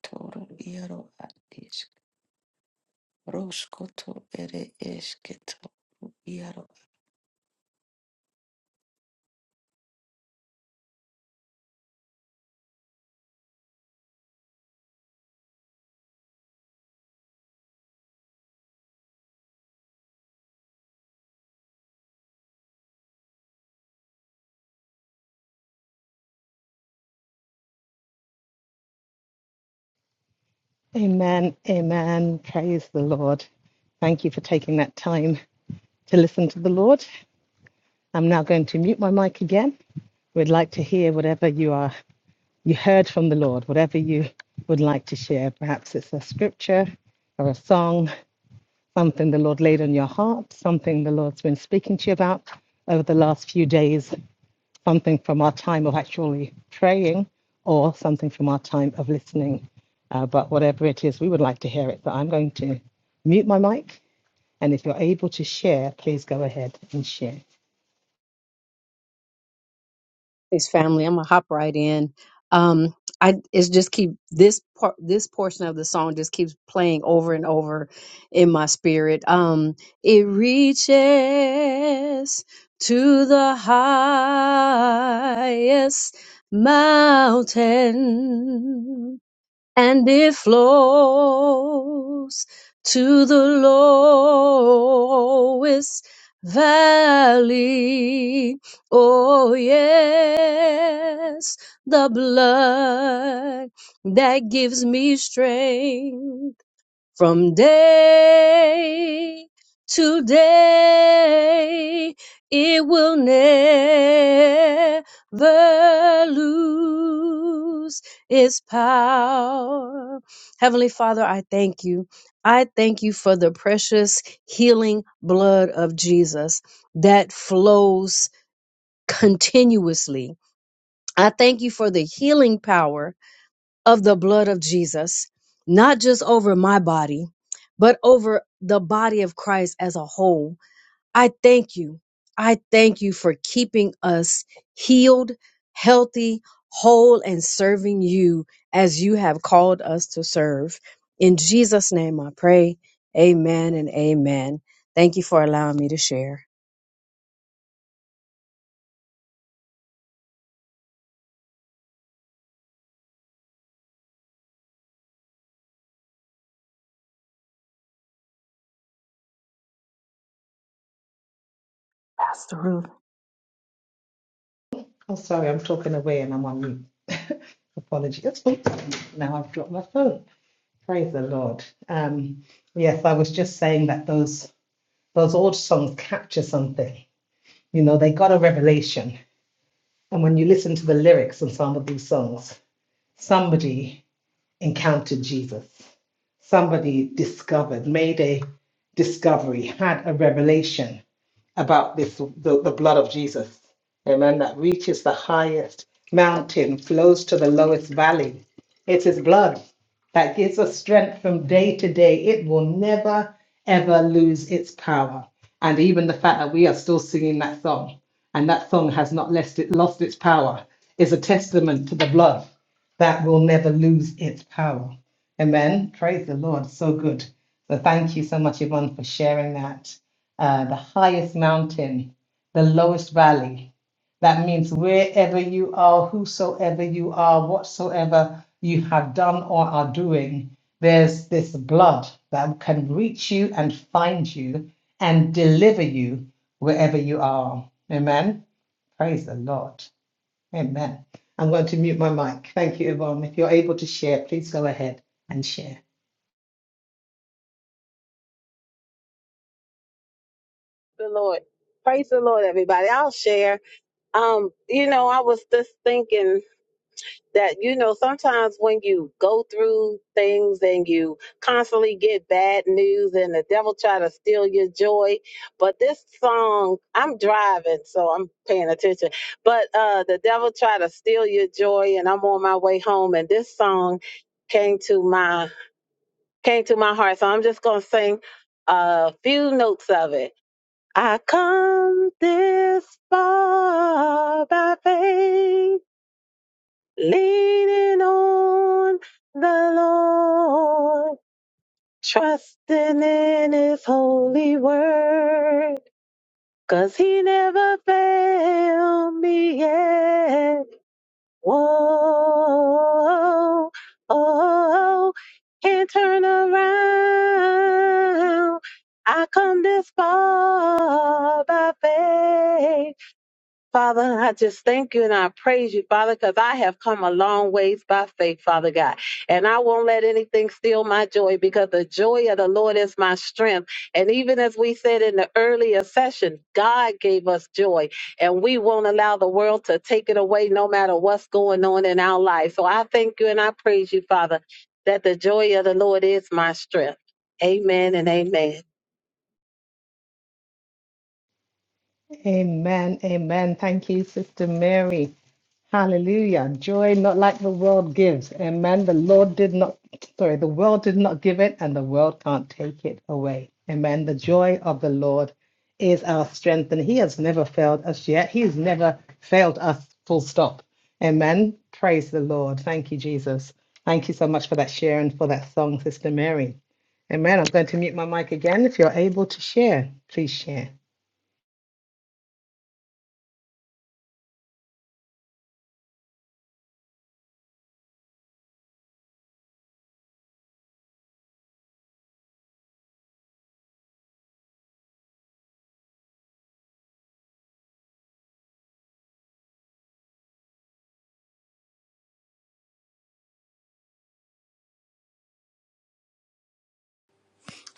Speaker 1: Toro iaro ad isk. Roskoto, ere esketo.
Speaker 3: Amen. Amen. Praise the Lord. Thank you for taking that time to listen to the Lord. I'm now going to mute my mic again. We'd like to hear whatever you are you heard from the Lord, whatever you would like to share. Perhaps it's a scripture or a song, something the Lord laid on your heart, something the Lord's been speaking to you about over the last few days, something from our time of actually praying or something from our time of listening. Uh, but whatever it is, we would like to hear it. So I'm going to mute my mic. And if you're able to share, please go ahead and share.
Speaker 5: Thanks, family. I'm gonna hop right in. Um, I it's just keep this part, this portion of the song just keeps playing over and over in my spirit. Um, it reaches to the highest mountain and it flows to the lowest valley. Oh, yes, the blood that gives me strength from day to day it will never lose its power heavenly father i thank you i thank you for the precious healing blood of jesus that flows continuously i thank you for the healing power of the blood of Jesus, not just over my body, but over the body of Christ as a whole. I thank you. I thank you for keeping us healed, healthy, whole, and serving you as you have called us to serve. In Jesus' name I pray. Amen and amen. Thank you for allowing me to share.
Speaker 2: Pastor Ruth.
Speaker 3: Oh, sorry, I'm talking away and I'm on mute. Apologies. Oops, Now I've dropped my phone. Praise the Lord. Um, yes, I was just saying that those those old songs capture something. You know, they got a revelation, and when you listen to the lyrics in some of these songs, somebody encountered Jesus. Somebody discovered, made a discovery, had a revelation about this the, the blood of Jesus. Amen. That reaches the highest mountain, flows to the lowest valley. It's his blood that gives us strength from day to day. It will never, ever lose its power. And even the fact that we are still singing that song and that song has not lost, it, lost its power is a testament to the blood that will never lose its power. Amen. Praise the Lord. So good. So thank you so much, Yvonne, for sharing that. Uh, the highest mountain, the lowest valley. That means wherever you are, whosoever you are, whatsoever you have done or are doing, there's this blood that can reach you and find you and deliver you wherever you are. Amen. Praise the Lord. Amen. I'm going to mute my mic. Thank you, Yvonne. If you're able to share, please go ahead and share.
Speaker 6: the Lord. Praise the Lord, everybody. I'll share. Um, you know, I was just thinking that, you know, sometimes when you go through things and you constantly get bad news and the devil try to steal your joy. But this song, I'm driving, so I'm paying attention. But uh the devil try to steal your joy and I'm on my way home and this song came to my came to my heart. So I'm just gonna sing a few notes of it. I come this far by faith, leaning on the Lord, trusting in His holy word, 'cause He never failed me yet. Whoa, oh, can't turn around. I come this far by faith Father, I just thank you and I praise you, Father, because I have come a long ways by faith, Father God. And I won't let anything steal my joy because the joy of the Lord is my strength. And even as we said in the earlier session, God gave us joy and we won't allow the world to take it away no matter what's going on in our life. So I thank you and I praise you, Father, that the joy of the Lord is my strength. Amen and amen.
Speaker 3: Amen. Amen. Thank you, Sister Mary. Hallelujah. Joy not like the world gives. Amen. The Lord did not, sorry, the world did not give it and the world can't take it away. Amen. The joy of the Lord is our strength and he has never failed us yet. He has never failed us, full stop. Amen. Praise the Lord. Thank you, Jesus. Thank you so much for that share and for that song, Sister Mary. Amen. I'm going to mute my mic again. If you're able to share, please share.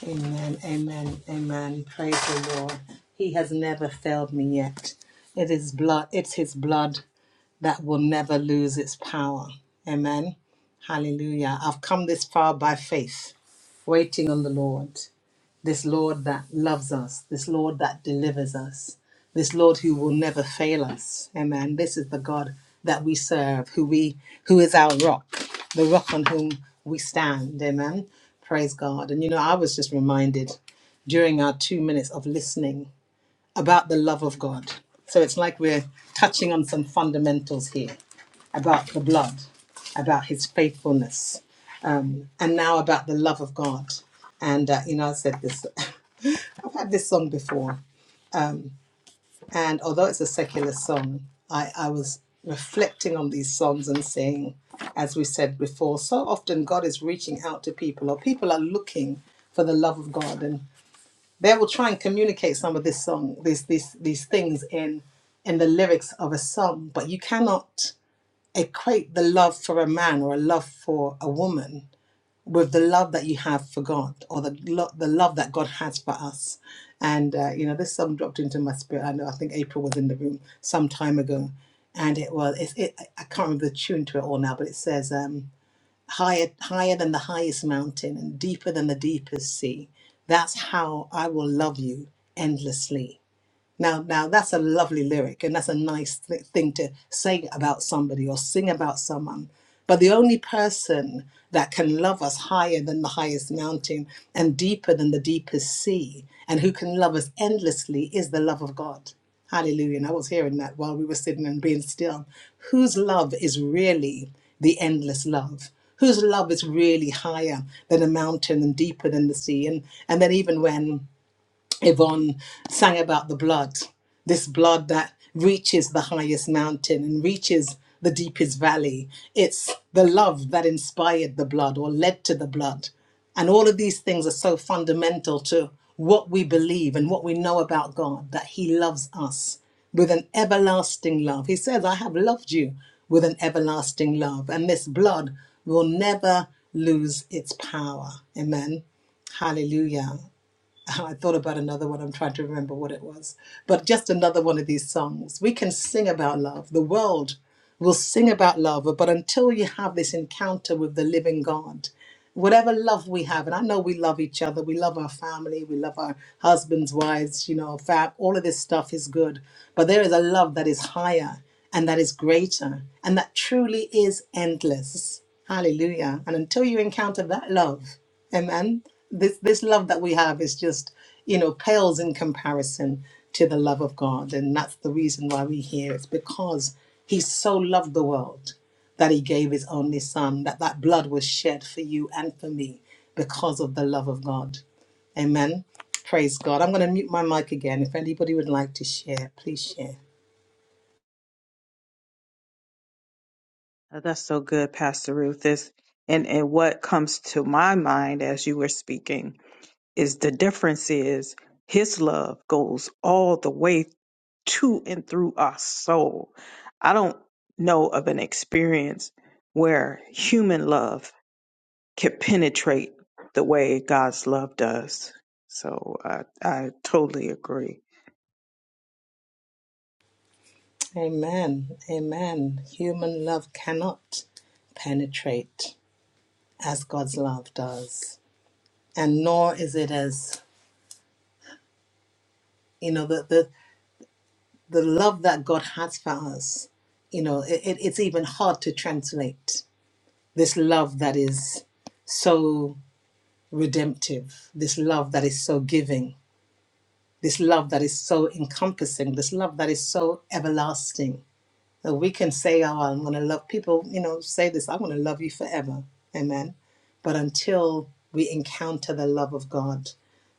Speaker 3: Amen, amen, amen. Praise the Lord. He has never failed me yet. It is blood, it's his blood that will never lose its power. Amen. Hallelujah. I've come this far by faith, waiting on the Lord this Lord that loves us, this Lord that delivers us, this Lord who will never fail us. Amen. This is the God that we serve, who we who is our rock, the rock on whom we stand. Amen. Praise God. And you know, I was just reminded during our two minutes of listening about the love of God. So it's like we're touching on some fundamentals here about the blood, about his faithfulness, and now about the love of God. And, uh, you know, I said this had this song before, and although it's a secular song, I, I was reflecting on these songs and saying, as we said before, so often God is reaching out to people, or people are looking for the love of God, and they will try and communicate some of this song, these these these things in in the lyrics of a song, but you cannot equate the love for a man or a love for a woman with the love that you have for God or the lo- the love that God has for us. And uh, you know, this song dropped into my spirit. I know I think April was in the room some time ago, and it was it's it, I can't remember the tune to it all now, but it says um, higher higher than the highest mountain and deeper than the deepest sea. That's how I will love you endlessly. Now, now that's a lovely lyric, and that's a nice th- thing to say about somebody or sing about someone. But the only person that can love us higher than the highest mountain and deeper than the deepest sea, and who can love us endlessly, is the love of God. Hallelujah. And I was hearing that while we were sitting and being still. Whose love is really the endless love? Whose love is really higher than a mountain and deeper than the sea? And and then even when Yvonne sang about the blood, this blood that reaches the highest mountain and reaches the deepest valley. It's the love that inspired the blood or led to the blood. And all of these things are so fundamental to what we believe and what we know about God that He loves us with an everlasting love. He says, I have loved you with an everlasting love, and this blood will never lose its power. Amen. Hallelujah. I thought about another one. I'm trying to remember what it was. But just another one of these songs. We can sing about love. The world will sing about love. But until you have this encounter with the living God, whatever love we have, and I know we love each other, we love our family, we love our husbands, wives, you know, fab, all of this stuff is good. But there is a love that is higher and that is greater and that truly is endless. Hallelujah. And until you encounter that love, Amen. This this love that we have is just, you know, pales in comparison to the love of God. And that's the reason why we're here. It's because he so loved the world that he gave his only son, that that blood was shed for you and for me because of the love of God. Amen. Praise God. I'm going to mute my mic again. If anybody would like to share, please share.
Speaker 2: Oh, That's so good, Pastor Ruth. Is and, and what comes to my mind as you were speaking is the difference is his love goes all the way to and through our soul. I don't know of an experience where human love can penetrate the way God's love does. So I, I totally agree.
Speaker 3: Amen. Amen. Human love cannot penetrate as God's love does. and nor is it as you know the the, the love that god has for us you know it, it- it's even hard to translate this love that is so redemptive this love that is so giving this love that is so encompassing this love that is so everlasting That we can say, oh, I'm going to love people, you know, say this, I'm going to love you forever. Amen. But until we encounter the love of God,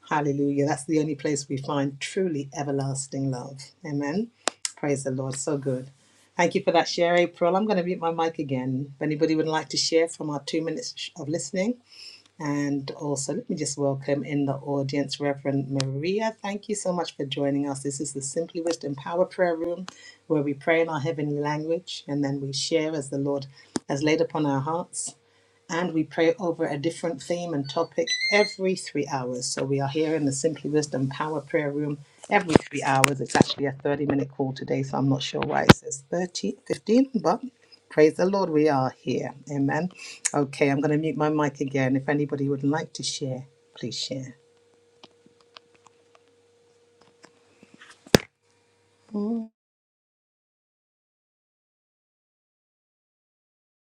Speaker 3: hallelujah, that's the only place we find truly everlasting love. Amen. Praise the Lord. So good. Thank you for that share, April. I'm going to mute my mic again. If anybody would like to share from our two minutes of listening, and also, let me just welcome in the audience Reverend Maria. Thank you so much for joining us. This is the Simply Wisdom Power Prayer Room where we pray in our heavenly language and then we share as the Lord has laid upon our hearts and we pray over a different theme and topic every three hours. So we are here in the Simply Wisdom Power Prayer Room every three hours. It's actually a 30 minute call today, so I'm not sure why it says 30, fifteen, but praise the Lord, we are here. Amen. Okay, I'm going to mute my mic again. If anybody would like to share, please share.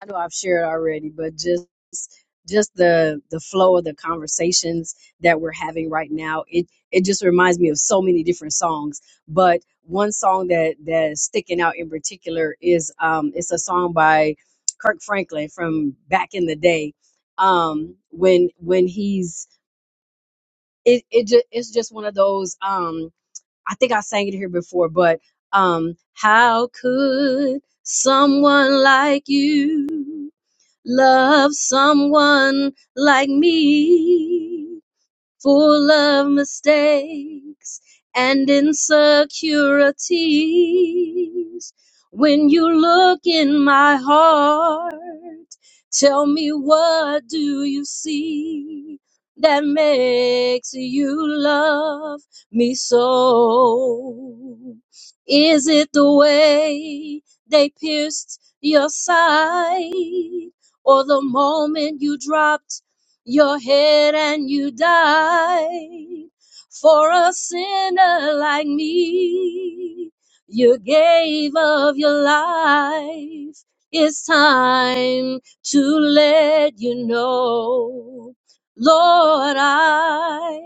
Speaker 5: I know I've shared already, but just just the the flow of the conversations that we're having right now, it it just reminds me of so many different songs. But one song that that is sticking out in particular is um it's a song by Kirk Franklin from back in the day. Um when when he's it it just it's just one of those um I think I sang it here before, but um how could someone like you love someone like me full of mistakes and insecurities. When you look in my heart, tell me what do you see that makes you love me so? Is it the way they pierced your side or the moment you dropped? your head and you died for a sinner like me. You gave of your life. It's time to let you know. Lord, I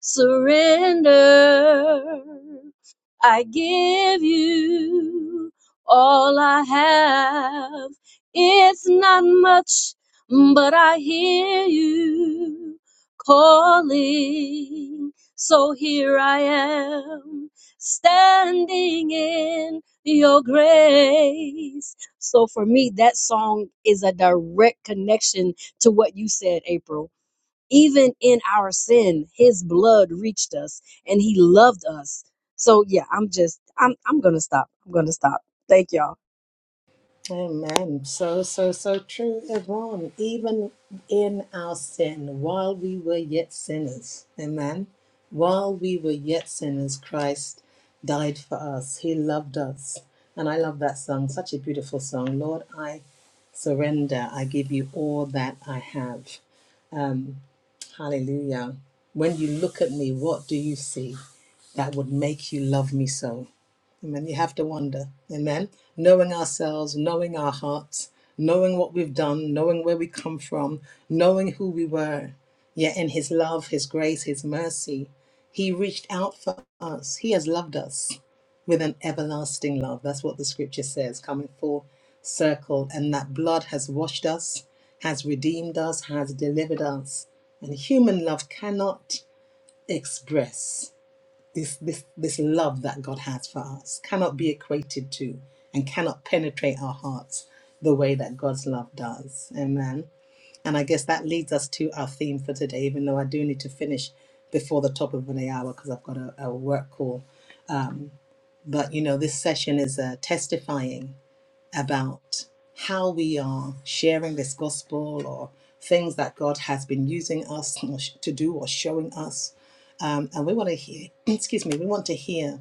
Speaker 5: surrender. I give you all I have. It's not much but I hear you calling. So here I am, standing in your grace. So for me, that song is a direct connection to what you said, April. Even in our sin, his blood reached us and he loved us. So yeah, I'm just I'm I'm gonna stop. I'm gonna stop. Thank y'all.
Speaker 3: Amen. So, so, so true, Yvonne. Even in our sin, while we were yet sinners, amen. While we were yet sinners, Christ died for us. He loved us. And I love that song. Such a beautiful song. Lord, I surrender. I give you all that I have. Um, hallelujah. When you look at me, what do you see that would make you love me so? Amen. You have to wonder. Amen. Knowing ourselves, knowing our hearts, knowing what we've done, knowing where we come from, knowing who we were. Yet in His love, His grace, His mercy, He reached out for us. He has loved us with an everlasting love. That's what the scripture says, coming full circle. And that blood has washed us, has redeemed us, has delivered us. And human love cannot express this this this love that God has for us cannot be equated to and cannot penetrate our hearts the way that God's love does. Amen. And I guess that leads us to our theme for today, even though I do need to finish before the top of the hour because I've got a, a work call. But you know, this session is uh, testifying about how we are sharing this gospel or things that God has been using us to do or showing us um, and we want to hear excuse me we want to hear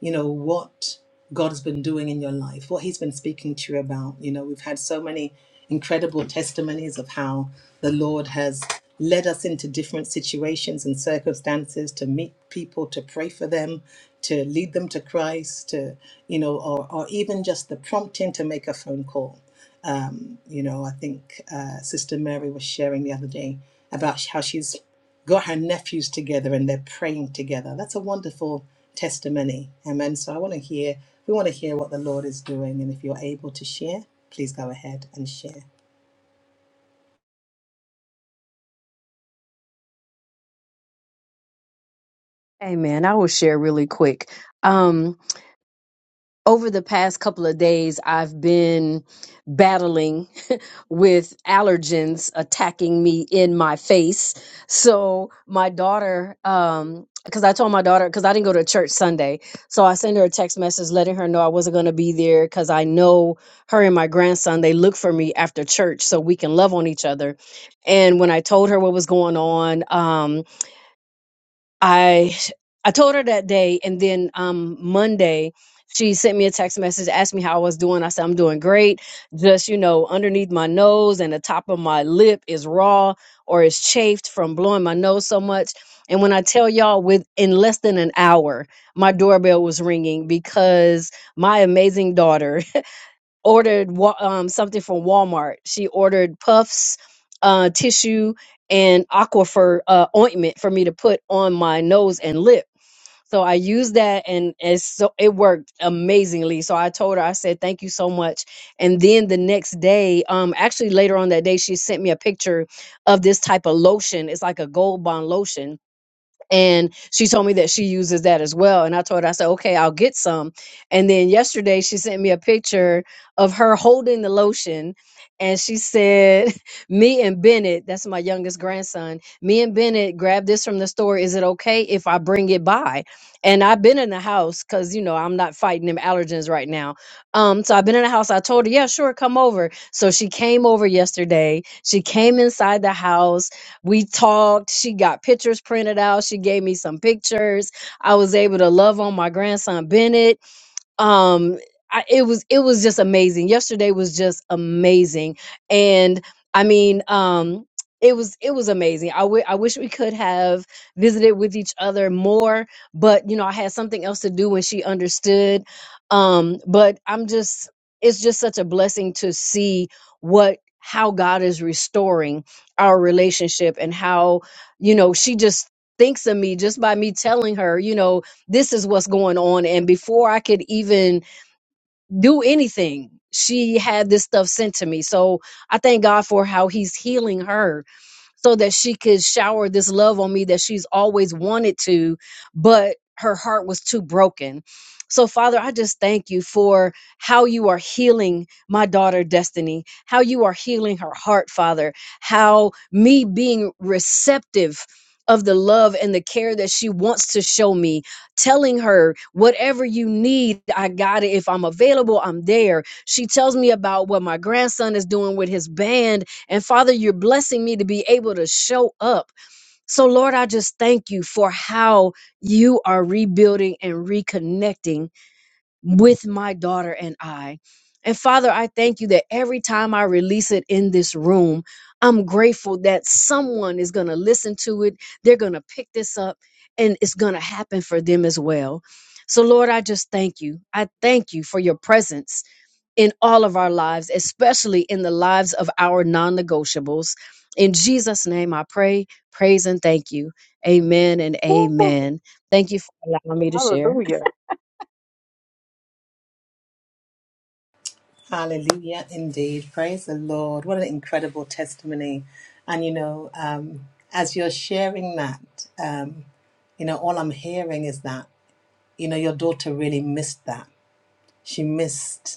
Speaker 3: you know what god has been doing in your life what he's been speaking to you about you know we've had so many incredible testimonies of how the lord has led us into different situations and circumstances to meet people to pray for them to lead them to christ to you know or, or even just the prompting to make a phone call um, you know, I think uh, Sister Mary was sharing the other day about how she's got her nephews together and they're praying together. That's a wonderful testimony. Amen. So I want to hear, we want to hear what the Lord is doing. And if you're able to share, please go ahead and share.
Speaker 5: Hey man, I will share really quick. Um, over the past couple of days, I've been battling with allergens attacking me in my face. So my daughter, um, because I told my daughter, because I didn't go to church Sunday, so I sent her a text message letting her know I wasn't going to be there because I know her and my grandson they look for me after church so we can love on each other. And when I told her what was going on, um, I I told her that day, and then um Monday she sent me a text message, asked me how I was doing. I said I'm doing great. Just you know, underneath my nose and the top of my lip is raw or is chafed from blowing my nose so much. And when I tell y'all, with in less than an hour, my doorbell was ringing because my amazing daughter ordered wa- um, something from Walmart. She ordered puffs, uh, tissue, and aquifer uh, ointment for me to put on my nose and lip. So I used that, and it's so it worked amazingly. So I told her, I said, "Thank you so much." And then the next day, um, actually later on that day, she sent me a picture of this type of lotion. It's like a gold bond lotion, and she told me that she uses that as well and i told her i said okay i'll get some and then yesterday she sent me a picture of her holding the lotion and she said me and bennett that's my youngest grandson me and bennett grabbed this from the store is it okay if i bring it by and i've been in the house because you know i'm not fighting them allergens right now um so i've been in the house i told her yeah sure come over so she came over yesterday she came inside the house we talked. She got pictures printed out. She gave me some pictures. I was able to love on my grandson Bennett um I, it was it was just amazing yesterday was just amazing and i mean um it was it was amazing I wi- I wish we could have visited with each other more but you know i had something else to do when she understood um but i'm just it's just such a blessing to see what how god is restoring our relationship and how you know she just thinks of me just by me telling her you know this is what's going on. And before I could even do anything, she had this stuff sent to me. So I thank God for how he's healing her so that she could shower this love on me that she's always wanted to, but her heart was too broken. So, Father, I just thank you for how you are healing my daughter, Destiny, how you are healing her heart, Father, how me being receptive of the love and the care that she wants to show me, telling her, whatever you need, I got it. If I'm available, I'm there. She tells me about what my grandson is doing with his band and Father, you're blessing me to be able to show up. So, Lord, I just thank you for how you are rebuilding and reconnecting with my daughter and I. And Father, I thank you that every time I release it in this room, I'm grateful that someone is going to listen to it. They're going to pick this up and it's going to happen for them as well. So, Lord, I just thank you. I thank you for your presence in all of our lives, especially in the lives of our non negotiables. In Jesus' name, I pray, praise, and thank you. Amen and
Speaker 2: Woo!
Speaker 5: amen. Thank you for allowing me to share.
Speaker 2: Hallelujah.
Speaker 3: Hallelujah, indeed. Praise the Lord. What an incredible testimony. And, you know, um, as you're sharing that, um, you know, all I'm hearing is that, you know, your daughter really missed that. She missed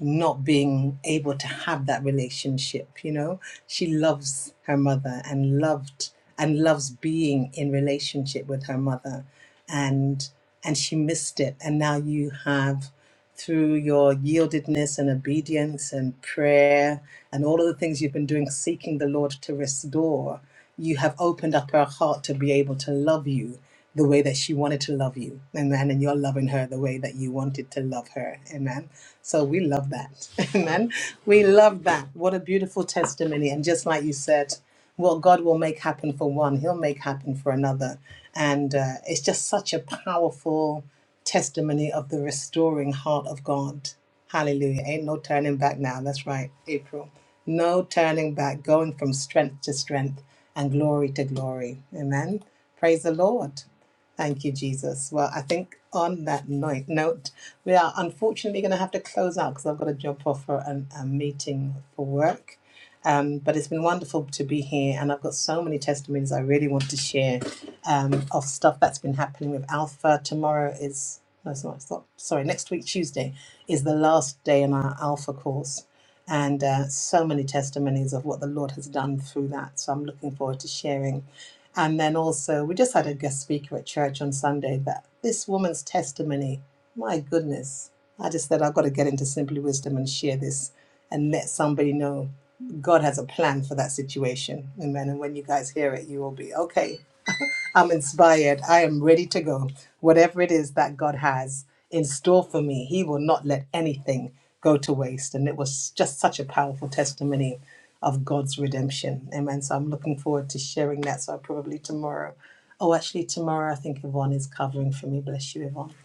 Speaker 3: not being able to have that relationship you know she loves her mother and loved and loves being in relationship with her mother and and she missed it and now you have through your yieldedness and obedience and prayer and all of the things you've been doing seeking the lord to restore you have opened up her heart to be able to love you the way that she wanted to love you. Amen. And you're loving her the way that you wanted to love her. Amen. So we love that. Amen. We love that. What a beautiful testimony. And just like you said, what God will make happen for one, He'll make happen for another. And uh, it's just such a powerful testimony of the restoring heart of God. Hallelujah. Ain't no turning back now. That's right, April. No turning back, going from strength to strength and glory to glory. Amen. Praise the Lord. Thank you, Jesus. Well, I think on that night, note, we are unfortunately going to have to close out because I've got to jump off for an, a meeting for work. Um, but it's been wonderful to be here, and I've got so many testimonies I really want to share um, of stuff that's been happening with Alpha. Tomorrow is no, it's not. It's not sorry, next week Tuesday is the last day in our Alpha course, and uh, so many testimonies of what the Lord has done through that. So I'm looking forward to sharing. And then also, we just had a guest speaker at church on Sunday. That this woman's testimony, my goodness, I just said I've got to get into Simply Wisdom and share this and let somebody know. God has a plan for that situation. Amen. And when you guys hear it, you will be, okay, I'm inspired. I am ready to go. Whatever it is that God has in store for me, He will not let anything go to waste. And it was just such a powerful testimony of God's redemption. Amen. So I'm looking forward to sharing that. So probably tomorrow. Oh, actually, tomorrow I think Yvonne is covering for me. Bless you, Yvonne.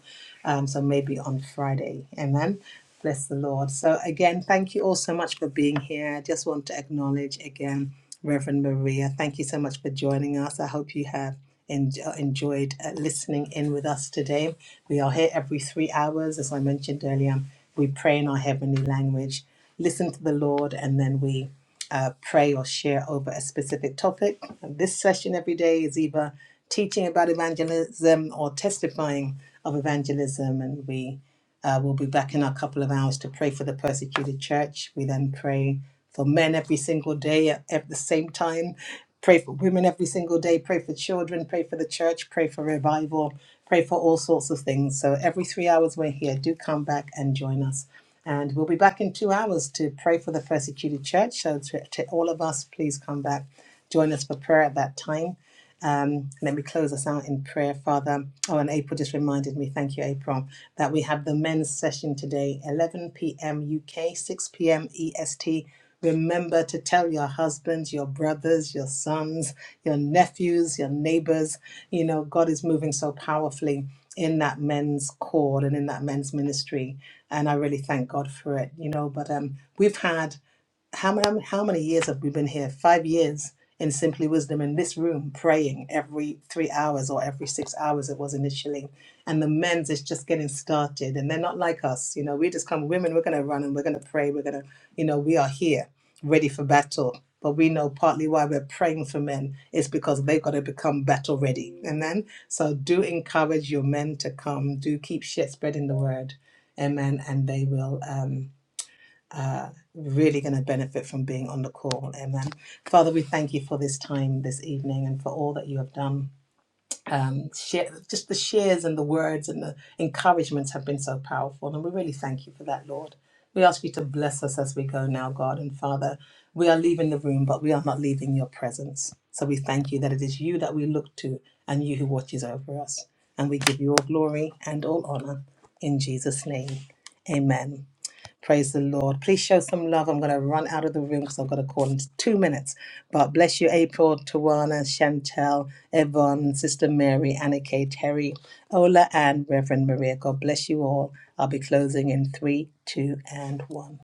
Speaker 3: Um, so maybe on Friday. Amen. Bless the Lord. So, again, thank you all so much for being here. I just want to acknowledge again Reverend Maria. Thank you so much for joining us. I hope you have en- uh, enjoyed uh, listening in with us today. We are here every three hours. As I mentioned earlier, we pray in our heavenly language, listen to the Lord, and then we uh, pray or share over a specific topic. And this session every day is either teaching about evangelism or testifying of evangelism, and we uh, we'll be back in a couple of hours to pray for the persecuted church. We then pray for men every single day at, at the same time. Pray for women every single day. Pray for children. Pray for the church. Pray for revival. Pray for all sorts of things. So every three hours we're here. Do come back and join us. And we'll be back in two hours to pray for the persecuted church. So to, to all of us, please come back. Join us for prayer at that time. Um, and then we close us out in prayer, Father. Oh, and April just reminded me. Thank you, April that we have the men's session today, 11 p.m. UK, 6 p.m. EST. Remember to tell your husbands, your brothers, your sons, your nephews, your neighbors. You know, God is moving so powerfully in that men's cord and in that men's ministry. And I really thank God for it, you know. But um, we've had how many how many years have we been here? Five years in Simply Wisdom in this room, praying every three hours or every six hours it was initially and the men's is just getting started and they're not like us you know we just come women we're going to run and we're going to pray we're going to you know we are here ready for battle but we know partly why we're praying for men is because they've got to become battle ready amen so do encourage your men to come do keep shit spreading the word amen and they will um uh really going to benefit from being on the call amen father we thank you for this time this evening and for all that you have done um, share, just the shares and the words and the encouragements have been so powerful. And we really thank you for that, Lord. We ask you to bless us as we go now, God and Father. We are leaving the room, but we are not leaving your presence. So we thank you that it is you that we look to and you who watches over us. And we give you all glory and all honor in Jesus' name. Amen. Praise the Lord. Please show some love. I'm going to run out of the room because I've got a call in two minutes. But bless you, April, Tawana, Chantel, Yvonne, Sister Mary, Annika, Terry, Ola, and Reverend Maria. God bless you all. I'll be closing in three, two, and one.